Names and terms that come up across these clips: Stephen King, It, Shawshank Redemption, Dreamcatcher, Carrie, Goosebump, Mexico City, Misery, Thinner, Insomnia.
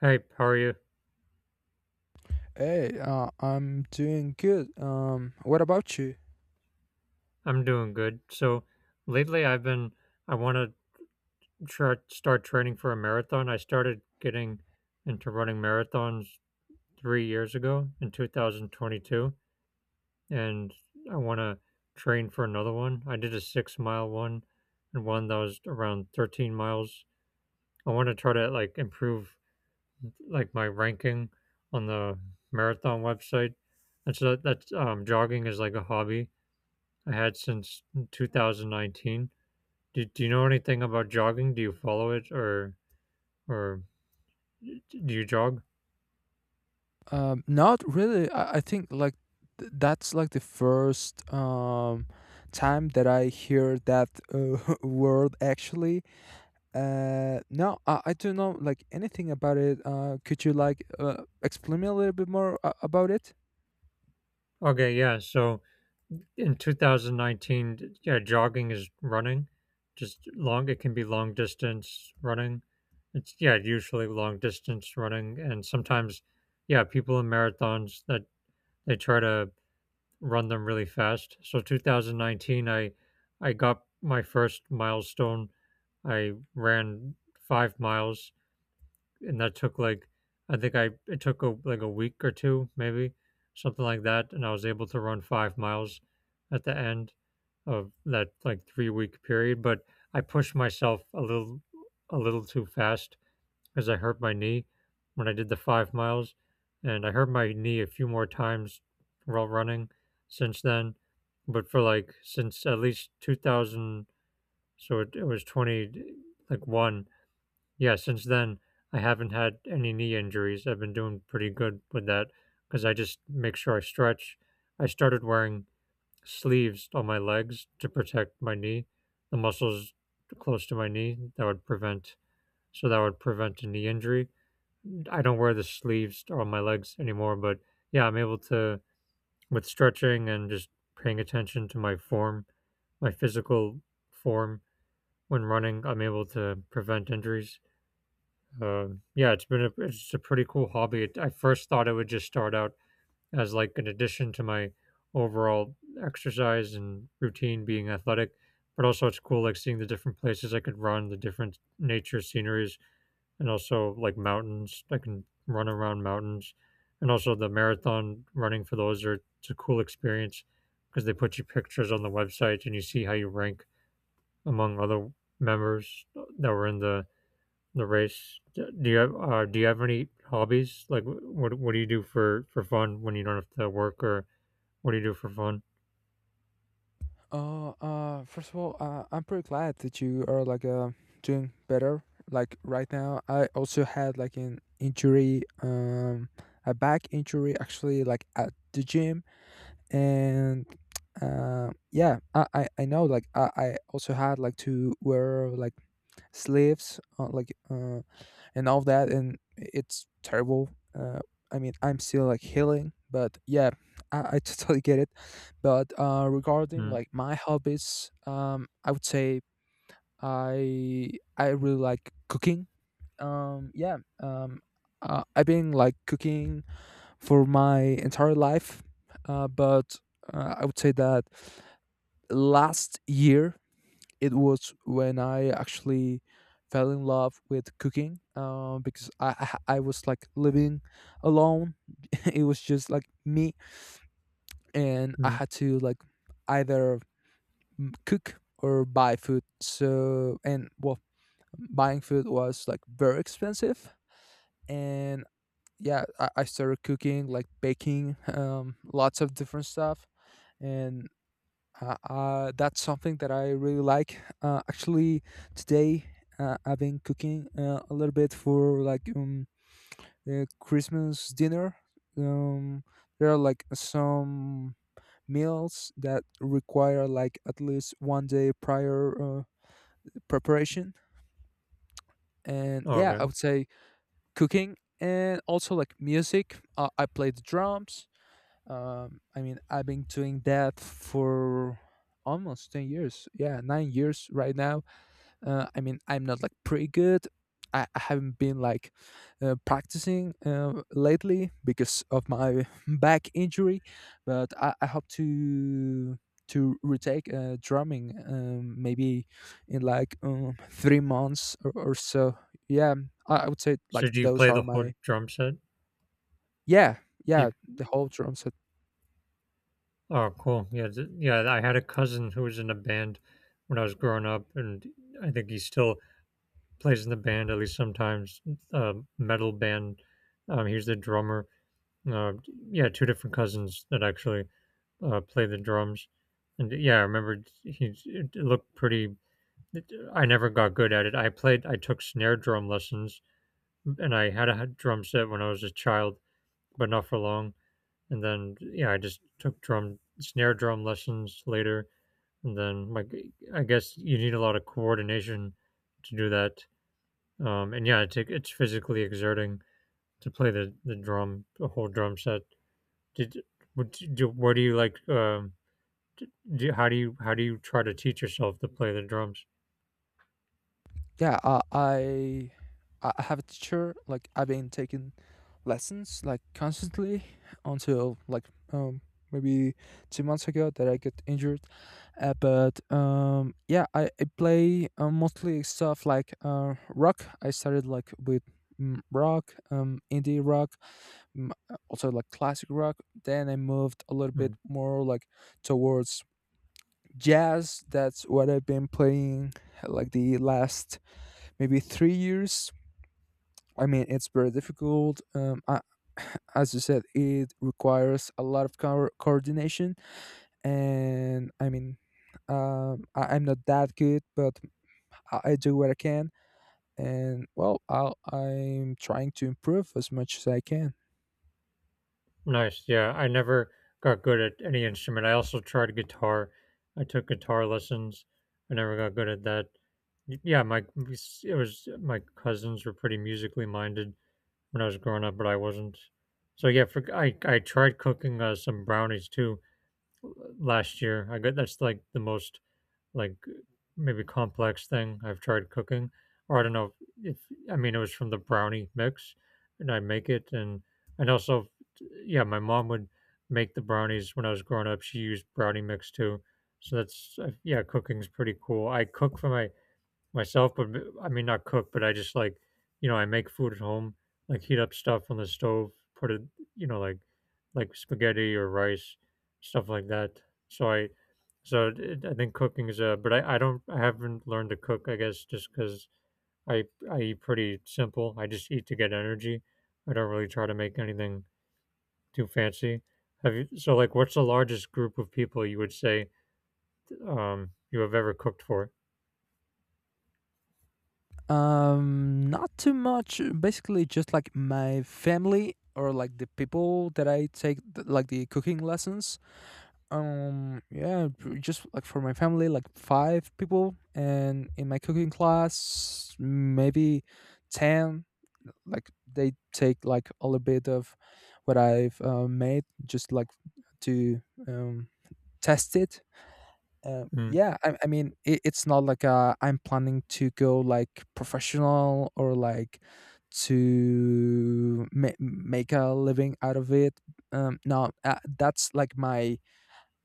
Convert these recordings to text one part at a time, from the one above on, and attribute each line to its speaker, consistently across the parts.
Speaker 1: Hey, how are you?
Speaker 2: Hey, I'm doing good. What about you?
Speaker 1: I'm doing good. So lately I want to try start training for a marathon. I started getting into running marathons 3 years ago in 2022, and I want to train for another one. I did a 6-mile one and one that was around 13 miles. I want to try to improve like my ranking on the marathon website. And so that's jogging is like a hobby I had since 2019. Do, do you know anything about jogging? Do you follow it, or do you jog?
Speaker 2: Not really. I think like that's like the first time that I hear that word actually. No, I don't know like anything about it. Could you like explain me a little bit more about it?
Speaker 1: Okay, yeah. So in 2019, yeah, jogging is running. Just long, it can be long distance running. It's yeah, usually long distance running, and sometimes, yeah, people in marathons that they try to run them really fast. So 2019, I got my first milestone. I ran 5 miles, and that took like I think I it took a, like a week or two, maybe something like that, and I was able to run 5 miles at the end of that like 3 week period. But I pushed myself a little too fast because I hurt my knee when I did the 5 miles, and I hurt my knee a few more times while running since then. But for like since at least 2000, so it was 20 like one yeah, since then, I haven't had any knee injuries. I've been doing pretty good with that because I just make sure I stretch. I started wearing sleeves on my legs to protect my knee, the muscles close to my knee. That would prevent, so that would prevent a knee injury. I don't wear the sleeves on my legs anymore, but yeah, I'm able to, with stretching and just paying attention to my form, my physical form when running, I'm able to prevent injuries. Yeah, it's a pretty cool hobby. It, I first thought it would just start out as like an addition to my overall exercise and routine being athletic, but also it's cool like seeing the different places I could run, the different nature sceneries, and also like mountains. I can run around mountains, and also the marathon running for those are it's a cool experience because they put your pictures on the website and you see how you rank among other members that were in the race. Do you have any hobbies? Like, wh- what do you do for fun when you don't have to work, or what do you do for fun?
Speaker 2: First of all, I'm pretty glad that you are like doing better. Like right now, I also had like an injury, a back injury actually, like at the gym, and yeah, I know like I also had like to wear like sleeves, like and all that, and it's terrible. uh, I mean, I'm still like healing, but yeah, I totally get it. But regarding like my hobbies, I would say i I really like cooking. Yeah. I've been like cooking for my entire life. But I would say that last year it was when I actually fell in love with cooking, because I was like living alone. It was just like me, and I
Speaker 1: Mm-hmm.
Speaker 2: had to like either cook or buy food. So, and well, buying food was like very expensive, and yeah, I started cooking, like, baking lots of different stuff. And that's something that I really like. Actually, today I've been cooking a little bit for like the Christmas dinner. Um, there are like some meals that require like at least 1 day prior preparation, and yeah, I
Speaker 1: Okay.
Speaker 2: would say cooking, and also like music. I play the drums. I mean, I've been doing that for almost 10 years, yeah, 9 years right now. I mean, I'm not like pretty good. I haven't been like practicing lately because of my back injury, but I hope to retake drumming, maybe in like 3 months or so. Yeah, I would say
Speaker 1: So
Speaker 2: like
Speaker 1: do you
Speaker 2: those
Speaker 1: play
Speaker 2: are
Speaker 1: the whole
Speaker 2: my...
Speaker 1: drum set?
Speaker 2: Yeah,
Speaker 1: Do you,
Speaker 2: yeah, the whole drum set.
Speaker 1: oh, cool. Yeah, th- yeah. I had a cousin who was in a band when I was growing up, and I think he still plays in the band at least sometimes. Metal band. He was the drummer. Uh, yeah, two different cousins that actually play the drums. And yeah, I remember he it looked pretty I never got good at it. I played, I took snare drum lessons, and I had a drum set when I was a child, but not for long. And then, yeah, I just took drum snare drum lessons later. And then, like, I guess you need a lot of coordination to do that. And yeah, it it's physically exerting to play the drum, the whole drum set. Did what do, do- do you like? Do, how do you try to teach yourself to play the drums?
Speaker 2: Yeah, I have a teacher. Like I've been taking lessons like constantly until like um maybe 2 months ago that I get injured. But yeah, I play mostly stuff like rock. I started like with rock, indie rock, mm, also like classic rock. Then I moved a little
Speaker 1: Hmm.
Speaker 2: bit more like towards jazz. That's what I've been playing like the last maybe 3 years. I mean, it's very difficult. As you said, it requires a lot of coordination, and I mean, I'm not that good, but I do what I can, and well, I'm trying to improve as much as I can.
Speaker 1: Nice, yeah, I never got good at any instrument. I also tried guitar. I took guitar lessons. I never got good at that. Y- Yeah, my it was my cousins were pretty musically minded when I was growing up, but I wasn't. So yeah, for, I tried cooking some brownies too last year. I got that's like the most like maybe complex thing I've tried cooking, or I don't know if I mean it was from the brownie mix, and I make it, and also, yeah, my mom would make the brownies when I was growing up. She used brownie mix too, so that's yeah, cooking's pretty cool. I cook for my myself, but I mean not cook, but I just like, you know, I make food at home, like heat up stuff on the stove, put it, you know, like spaghetti or rice, stuff like that. So I, so it, I think cooking is a, but I don't I haven't learned to cook, I guess, just because I I eat pretty simple. I just eat to get energy. I don't really try to make anything too fancy. Have you, so like, what's the largest group of people you would say you have ever cooked for?
Speaker 2: Not too much. Basically, just like my family or like the people that I take like the cooking lessons. Yeah, just like for my family, like five people, and in my cooking class, maybe ten. Like they take like a little bit of what I've made, just like to um, test it.
Speaker 1: Mm.
Speaker 2: Yeah, I mean, it's not like I'm planning to go like professional, or like to make a living out of it. No, that's like my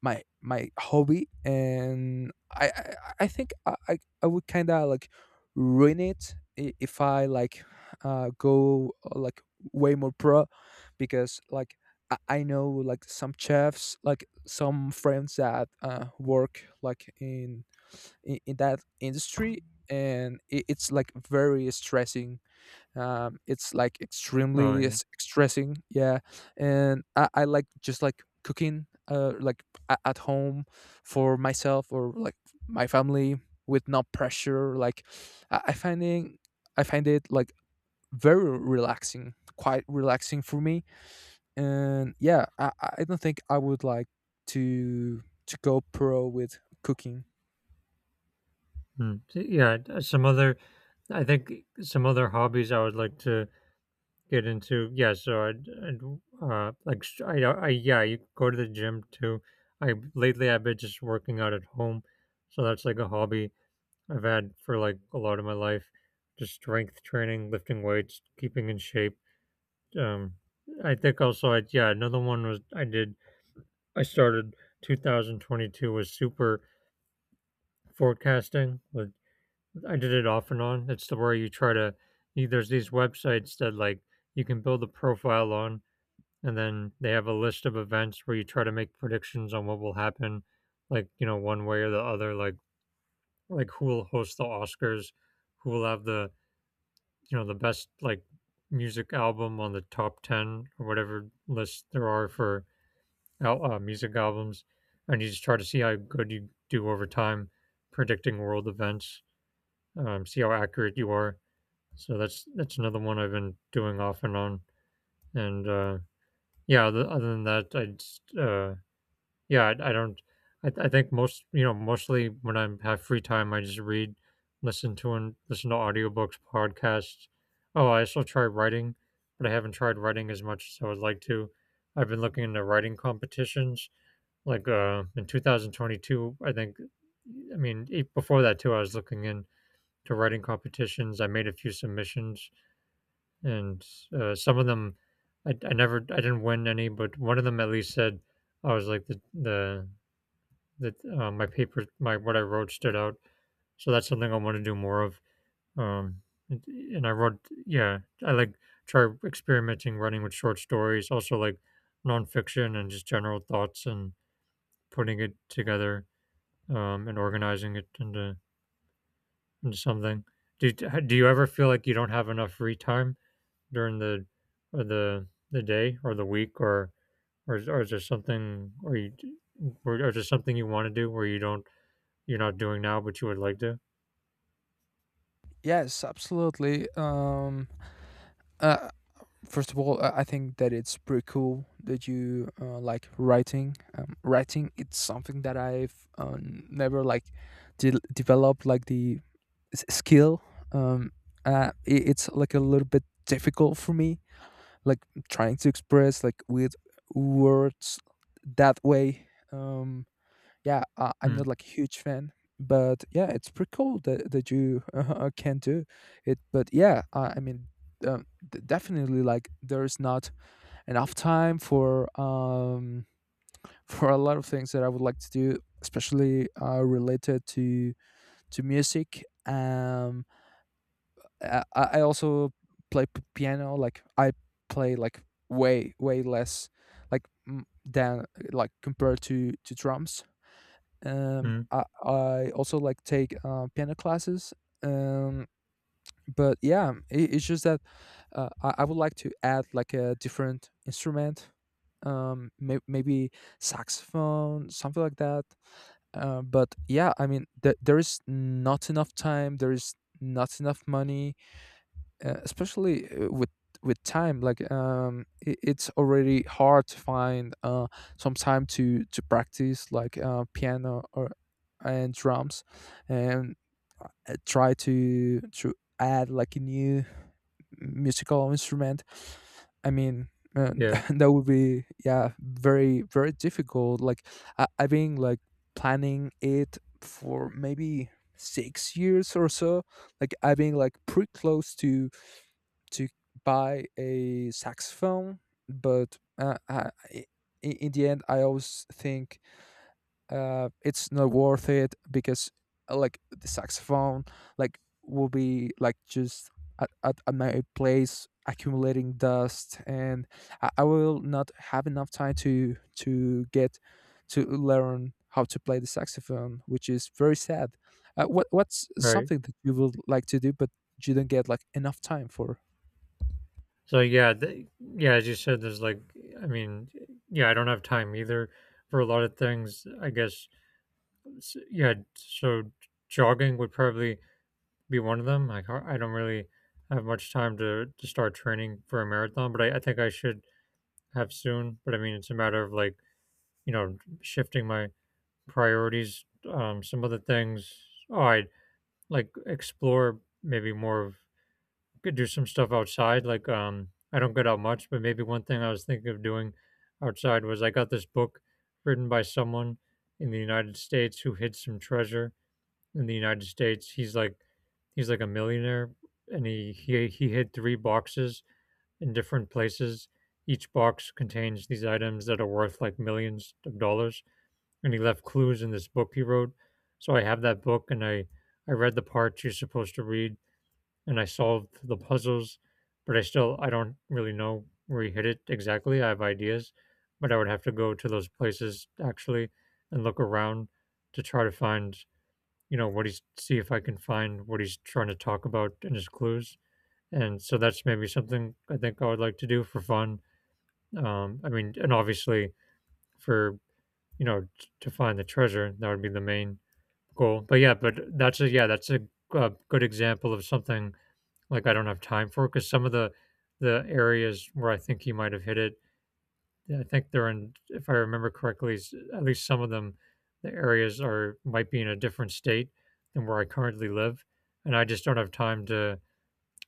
Speaker 2: my my hobby, and I think I would kind of like ruin it if I like go like way more pro, because like I know like some chefs, like some friends that work like in that industry, and it's like very stressing. It's like
Speaker 1: Oh
Speaker 2: extremely
Speaker 1: yeah.
Speaker 2: stressing. Yeah, and I like just like cooking like at home for myself or like my family, with no pressure. Like i, I finding I find it like very relaxing, quite relaxing for me. And yeah, I don't think I would like to go pro with cooking.
Speaker 1: Mm. T- Yeah, d- some other I think some other hobbies I would like to get into. Yeah, so I'd like st- I yeah, you go to the gym too. I lately I've been just working out at home. So that's like a hobby I've had for like a lot of my life. Just strength training, lifting weights, keeping in shape. Um I think also I yeah, another one was I did I started 2022 was super forecasting with I did it off and on. It's the where you try to you, there's these websites that like you can build a profile on, and then they have a list of events where you try to make predictions on what will happen, like you know one way or the other, like who will host the Oscars, who will have the you know the best like music album on the top ten or whatever list there are for al- music albums, and you just try to see how good you do over time, predicting world events, see how accurate you are. So that's another one I've been doing off and on. And yeah, other, other than that, I just yeah, I don't. I think most you know mostly when I have free time, I just read, listen to and listen to audiobooks, podcasts. Oh, I still try writing, but I haven't tried writing as much as I would like to. I've been looking into writing competitions. Like in 2022, I think. I mean, e- before that too, I was looking into writing competitions. I made a few submissions and some of them I never I didn't win any, but one of them at least said I was like the that my paper my what I wrote stood out. So that's something I want to do more of. Um, and I wrote yeah I like try experimenting running with short stories, also like nonfiction and just general thoughts and putting it together and organizing it into something. Do you, do you ever feel like you don't have enough free time? During the or the day or the week or is there something or you or is there something you want to do where you don't you're not doing now but you would like to?
Speaker 2: Yes, absolutely. Uh, First of all, I think that it's pretty cool that you like writing. Writing, it's something that I've never like developed like the skill. Um, it's like a little bit difficult for me, like trying to express like with words that way. Yeah, I'm
Speaker 1: Mm,
Speaker 2: not like a huge fan, but yeah, it's pretty cool that you can do it. But yeah, I mean. Definitely, like, there's not enough time for for a lot of things that I would like to do, especially related to music. I also play piano. Like I play like way way less like than like compared to drums.
Speaker 1: mm,
Speaker 2: I also like take piano classes. Um, but yeah, it's just that I would like to add like a different instrument, maybe saxophone, something like that. But yeah, I mean, there is not enough time, there is not enough money. Especially with time. Like it, it's already hard to find some time to practice like piano or and drums, and try to add like a new musical instrument. I mean, uh,
Speaker 1: yeah,
Speaker 2: that would be, yeah, very, very difficult. Like I've been like planning it for maybe 6 years or so. Like I've been like pretty close to to buy a saxophone, but in the end I always think it's not worth it, because like the saxophone like will be like just at my place accumulating dust, and I will not have enough time to get to learn how to play the saxophone, which is very sad. What's
Speaker 1: right.
Speaker 2: something that you would like to do, but you don't get like enough time for?
Speaker 1: So yeah, th- yeah, as you said, there's like, I mean, yeah, I don't have time either for a lot of things. I guess, s- yeah. So jogging would probably be one of them. Like I don't really have much time to start training for a marathon, but I think I should have soon. But I mean, it's a matter of like you know, shifting my priorities. Some other things, oh, I like explore maybe more of could do some stuff outside. Like, I don't get out much, but maybe one thing I was thinking of doing outside was I got this book written by someone in the United States who hid some treasure in the United States. He's like a millionaire, and he he hid 3 boxes in different places. Each box contains these items that are worth like millions of dollars, and he left clues in this book he wrote. So I have that book, and I read the parts you're supposed to read, and I solved the puzzles, but I still I don't really know where he hit it exactly. I have ideas, but I would have to go to those places actually and look around to try to find, you know, what he's see if I can find what he's trying to talk about in his clues. And so that's maybe something I think I would like to do for fun. I mean, and obviously for you know t- to find the treasure, that would be the main Cool. But yeah, but that's a good example of something like I don't have time for because some of the areas where I think he might have hit it, I think they're in, if I remember correctly, at least some of them, the areas are might be in a different state than where I currently live, and I just don't have time to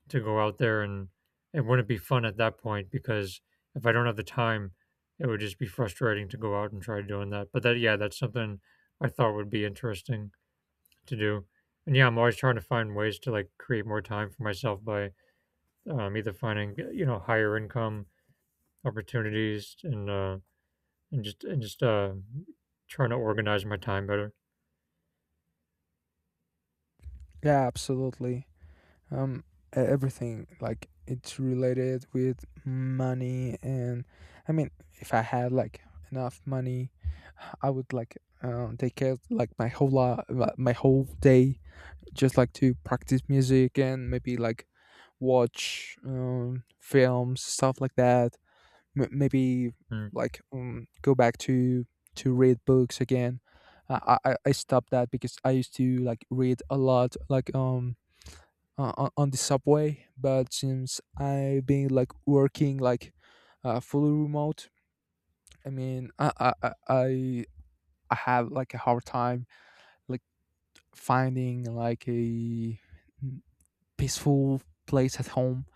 Speaker 1: to go out there and it wouldn't be fun at that point because if I don't have the time, it would just be frustrating to go out and try doing that. But that's something I thought would be interesting to do. And yeah, I'm always trying to find ways to like create more time for myself by either finding higher income opportunities and just trying to organize my time better.
Speaker 2: Yeah, absolutely. um Everything, like, it's related with money. And I mean, if I had like enough money, I would like take care of, like, my whole day, just like to practice music and maybe like watch films, stuff like that. Maybe
Speaker 1: Mm.
Speaker 2: like go back to read books again. I stopped that because I used to like read a lot, like on the subway. But since I've been like working like fully remote, I mean, I have like a hard time, like finding like a peaceful place at home,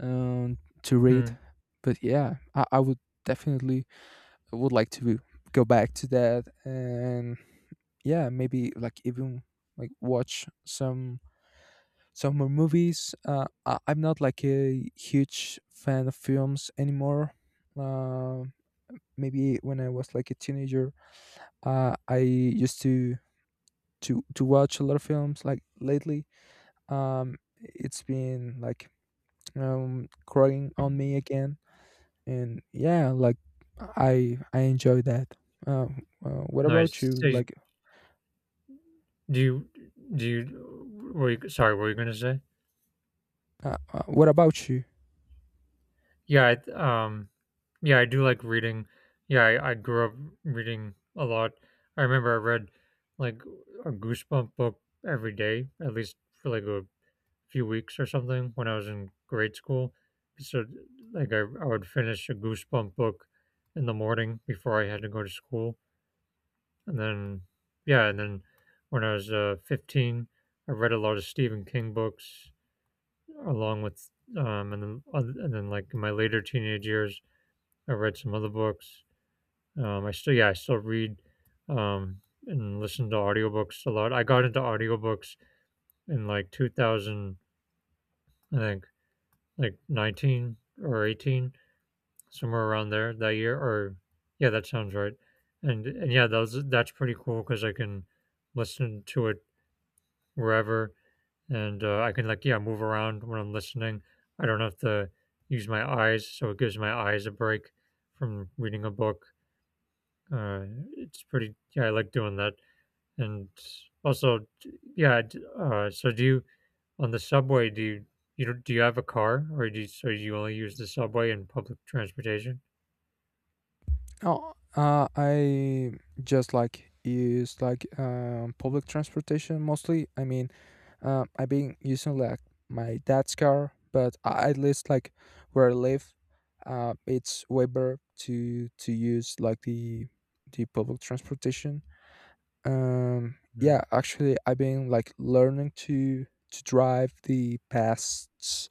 Speaker 2: um, to read.
Speaker 1: Mm.
Speaker 2: But yeah, I would definitely would like to go back to that. And yeah, maybe like even like watch some more movies. I'm not like a huge fan of films anymore. Uh, Maybe when I was like a teenager, I used to watch a lot of films. Like lately, it's been like growing on me again, and yeah, like I enjoy that. Uh, what about
Speaker 1: Nice.
Speaker 2: you?
Speaker 1: So you-
Speaker 2: Like,
Speaker 1: do you do you? Were you sorry? What were you gonna say?
Speaker 2: what about you?
Speaker 1: Yeah. Yeah, I do like reading. Yeah, I grew up reading a lot. I remember I read like a Goosebump book every day, at least for like a few weeks or something when I was in grade school. So, like, I would finish a Goosebump book in the morning before I had to go to school. And then, yeah, and then when I was 15, I read a lot of Stephen King books along with, and then like in my later teenage years, I read some other books. I still, yeah, I still read um, and listen to audiobooks a lot. I got into audiobooks in like 2000, I think like 19 or 18 somewhere around there that year or yeah that sounds right. And yeah that's pretty cool because I can listen to it wherever, and I can like yeah move around when I'm listening. I don't have to use my eyes, so it gives my eyes a break from reading a book. uh, it's pretty yeah I like doing that. And also yeah, so do you on the subway, do you you don't do you have a car, or do you, so you only use the subway and public transportation?
Speaker 2: Oh, I just like use like public transportation mostly. I mean, I've been using like my dad's car, but at least like where I live, it's way better to use like the public transportation.
Speaker 1: Mm.
Speaker 2: Yeah, actually, I've been like learning to drive the past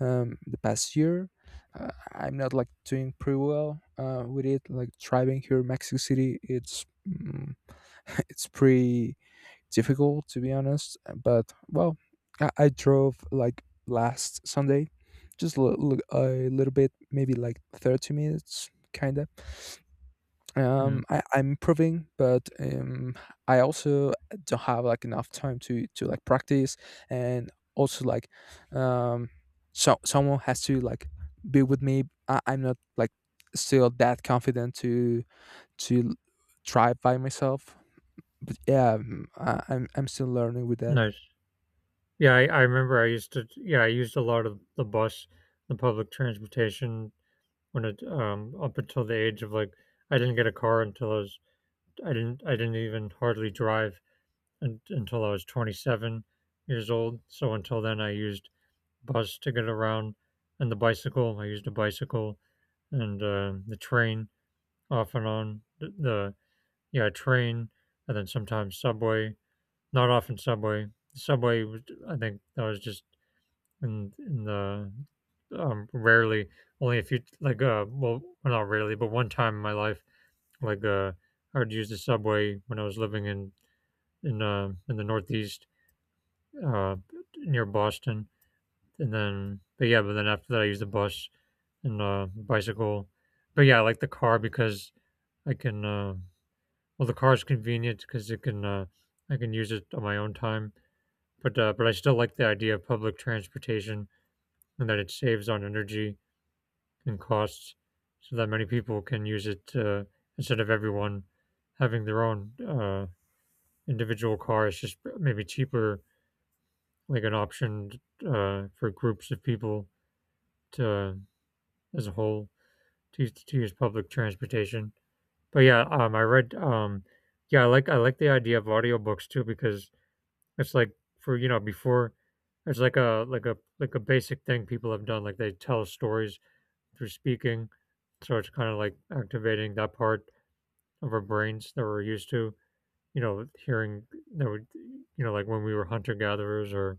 Speaker 2: um, the past year. I'm not like doing pretty well with it. Like driving here in Mexico City, it's pretty difficult, to be honest. But well, I drove like last Sunday, just a little bit, maybe like 30 minutes, kinda.
Speaker 1: Mm.
Speaker 2: I'm improving, but I also don't have like enough time to like practice. And also like, um so someone has to like be with me. I'm not like still that confident to to try by myself. Yeah. I'm still learning with that.
Speaker 1: Nice. Yeah, I remember I used to. Yeah, I used a lot of the bus, the public transportation when it up until the age of like I didn't get a car until I was I didn't even hardly drive until I was 27 years old. So until then, I used bus to get around and the bicycle. I used a bicycle and the train off and on the yeah, train, and then sometimes subway. Not often subway. Subway, I think that was just in the rarely only a few like well well, not rarely but one time in my life like I would use the subway when I was living in in the Northeast uh near Boston. And then but yeah but then after that I use the bus and bicycle. But yeah, I like the car because I can well, the car is convenient because it can I can use it on my own time, but I still like the idea of public transportation and that it saves on energy and costs, so that many people can use it instead of everyone having their own individual car. It's just maybe cheaper, like an option for groups of people to as a whole to, to use public transportation. But yeah, I read yeah, I like the idea of audiobooks too because it's like for you know before it's like a basic thing people have done, like they tell stories through speaking, so it's kind of like activating that part of our brains that we're used to you know hearing, that we you know like when we were hunter gatherers,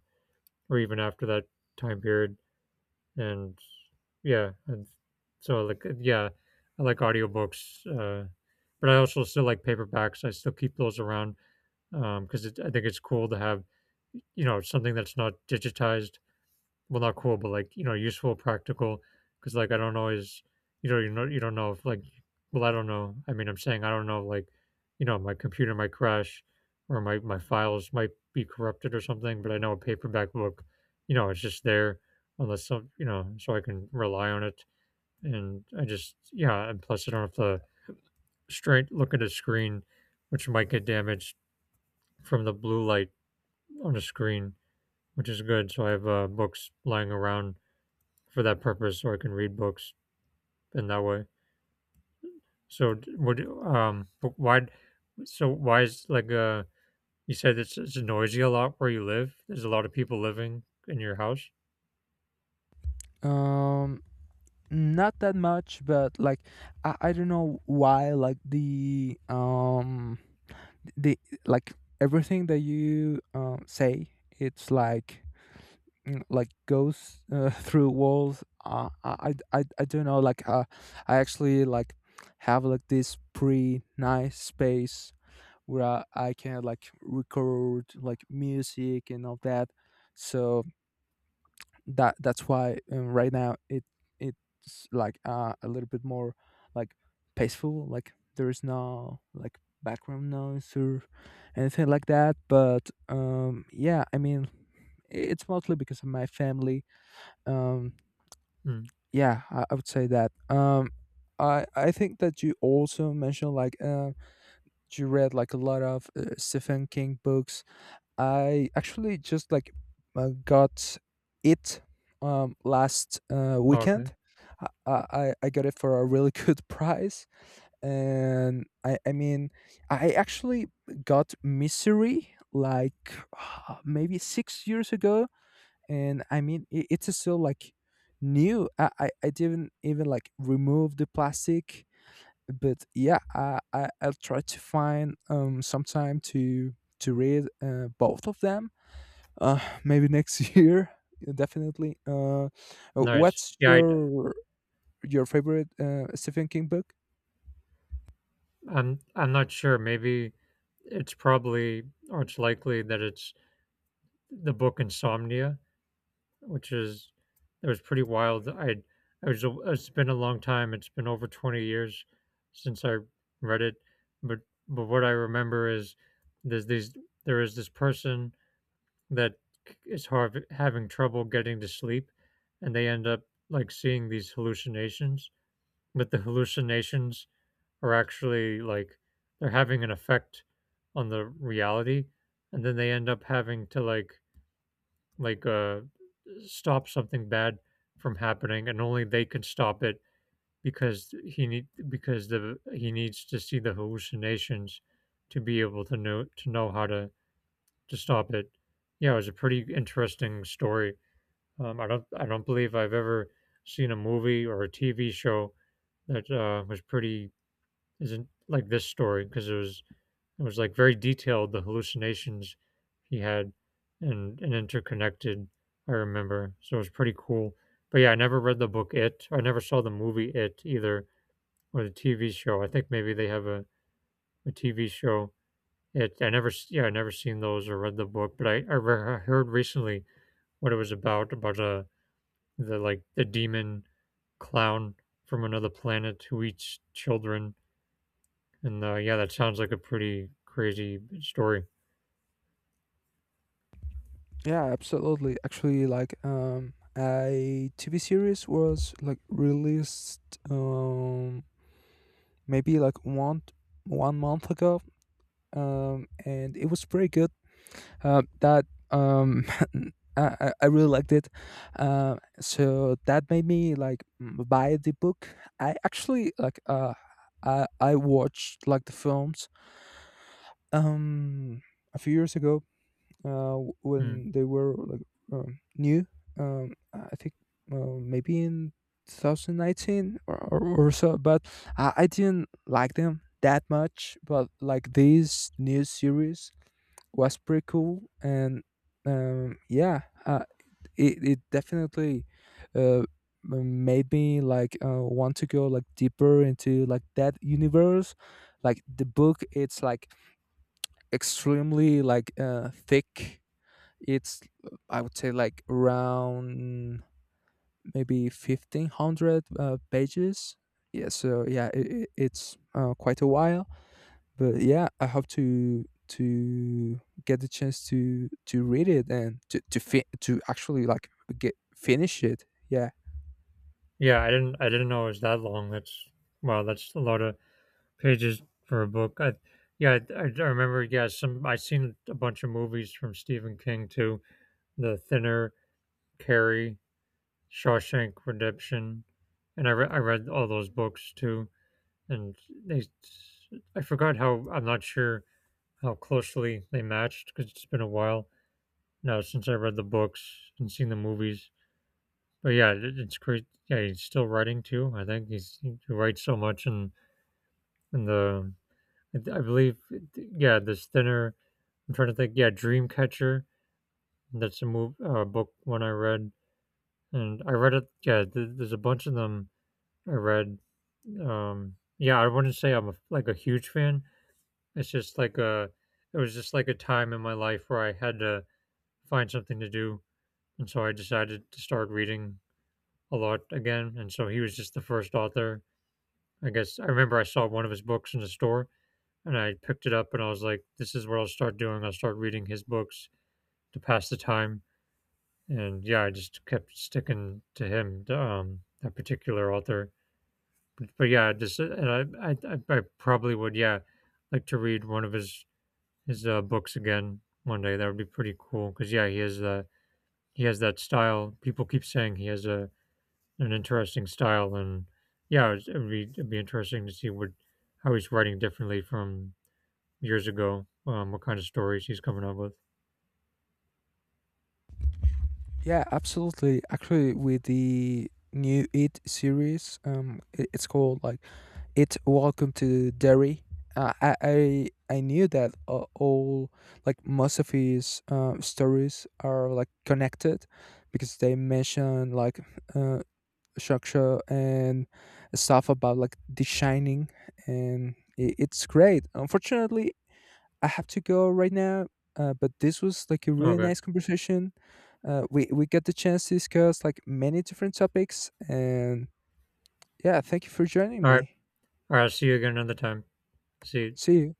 Speaker 1: or even after that time period. And yeah, and so like yeah, I like audiobooks, but I also still like paperbacks. I still keep those around because it I think it's cool to have, you know, something that's not digitized. Well, not cool, but like, you know, useful, practical. Because like I don't always, you know, you know, you don't know if like, well, I don't know. I mean, I'm saying I don't know, like, you know, my computer might crash or my files might be corrupted or something. But I know a paperback book, you know, it's just there unless some, you know, so I can rely on it. And I just, yeah, and plus I don't have to straight look at a screen, which might get damaged from the blue light on a screen, which is good. So I have books lying around for that purpose, so I can read books in that way. So would but why? So why is like you said it's noisy a lot where you live. There's a lot of people living in your house.
Speaker 2: um Not that much, but like I don't know why like the like everything that you say, it's like like goes through walls. I don't know like I actually like have like this pretty nice space where I can like record like music and all that. So that's why, right now it's like a little bit more like peaceful. Like there is no like background noise or anything like that. But yeah, I mean, it's mostly because of my family. Um
Speaker 1: Mm.
Speaker 2: yeah, I would say that I think that you also mentioned like you read like a lot of Stephen King books. I actually just like got it last
Speaker 1: Oh, okay,
Speaker 2: weekend. I got it for a really good price, and I mean, I actually got Misery, like, maybe 6 years ago, and I mean it's still like new. I didn't even like remove the plastic, but yeah, I'll try to find some time to read both of them, maybe next year, definitely.
Speaker 1: nice.
Speaker 2: What's
Speaker 1: Yeah,
Speaker 2: your favorite Stephen King book?
Speaker 1: I'm not sure. Maybe it's probably or it's likely that it's the book Insomnia, which is it was pretty wild. I was it's been a long time. It's been over 20 years since I read it, but but what I remember is there's these there is this person that is hard, having trouble getting to sleep, and they end up like seeing these hallucinations. But the hallucinations are actually like they're having an effect on the reality, and then they end up having to like like, uh, stop something bad from happening, and only they can stop it because he needs to see the hallucinations to be able to know how to stop it. Yeah, it was a pretty interesting story. I don't believe I've ever seen a movie or a TV show that was pretty isn't like this story because it was like very detailed, the hallucinations he had, and interconnected. I remember, so it was pretty cool. But yeah, I never read the book It. I never saw the movie It either, or the TV show. I think maybe they have a TV show. It. I never. Yeah, I never seen those or read the book. But I heard recently what it was about the like the demon clown from another planet who eats children. And yeah, that sounds like a pretty crazy story.
Speaker 2: Yeah, absolutely. Actually, like a TV series was like released um maybe like one one month ago. And it was pretty good. That um, I really liked it. So that made me, like, buy the book. I actually like I watched like the films um a few years ago
Speaker 1: Mm.
Speaker 2: when they were like new. I think, maybe in 2019, or so, but I didn't like them that much. But like these new series was pretty cool. And yeah. uh, it definitely uh made me like want to go like deeper into like that universe. Like the book, it's like extremely like thick. It's I would say like around maybe 1500 pages. Yeah, so yeah, it's quite a while. But yeah, I hope to get the chance to read it, and to to actually like get finish it. Yeah.
Speaker 1: Yeah, I didn't know it was that long. That's wow, that's a lot of pages for a book. I yeah, I remember. Yeah, some I seen a bunch of movies from Stephen King too. The Thinner, Carrie, Shawshank Redemption, and I read all those books too. And they, I forgot how I'm not sure how closely they matched because it's been a while now since I read the books and seen the movies. But yeah, it's great. Yeah, he's still writing too. I think he writes so much and the I believe yeah, this thinner. I'm trying to think. Yeah, Dreamcatcher. That's a move book one I read, and I read it. Yeah, there's a bunch of them I read. Yeah, I wouldn't say I'm a, like a huge fan. It's just like a. It was just like a time in my life where I had to find something to do, and so I decided to start reading a lot again. And so he was just the first author. I guess I remember I saw one of his books in the store, and I picked it up and I was like, this is what I'll start doing. I'll start reading his books to pass the time. And yeah, I just kept sticking to him, that particular author. But yeah, just I probably would, yeah, like to read one of his books again one day. That would be pretty cool because yeah, he has the he has that style. People keep saying he has a an interesting style, and yeah, it would be it'd be interesting to see what how he's writing differently from years ago, what kind of stories he's coming up with.
Speaker 2: Yeah, absolutely. Actually, with the new It series, it's called, like, It: Welcome to Derry. I knew that all, like, most of his stories are like connected, because they mention like uh, structure and stuff about like designing, and it's great. Unfortunately, I have to go right now, but this was like a really
Speaker 1: Okay.
Speaker 2: nice conversation. We get the chance to discuss like many different topics, and yeah, thank you for joining
Speaker 1: All right.
Speaker 2: me.
Speaker 1: All right. See you again another time. See you.
Speaker 2: See you.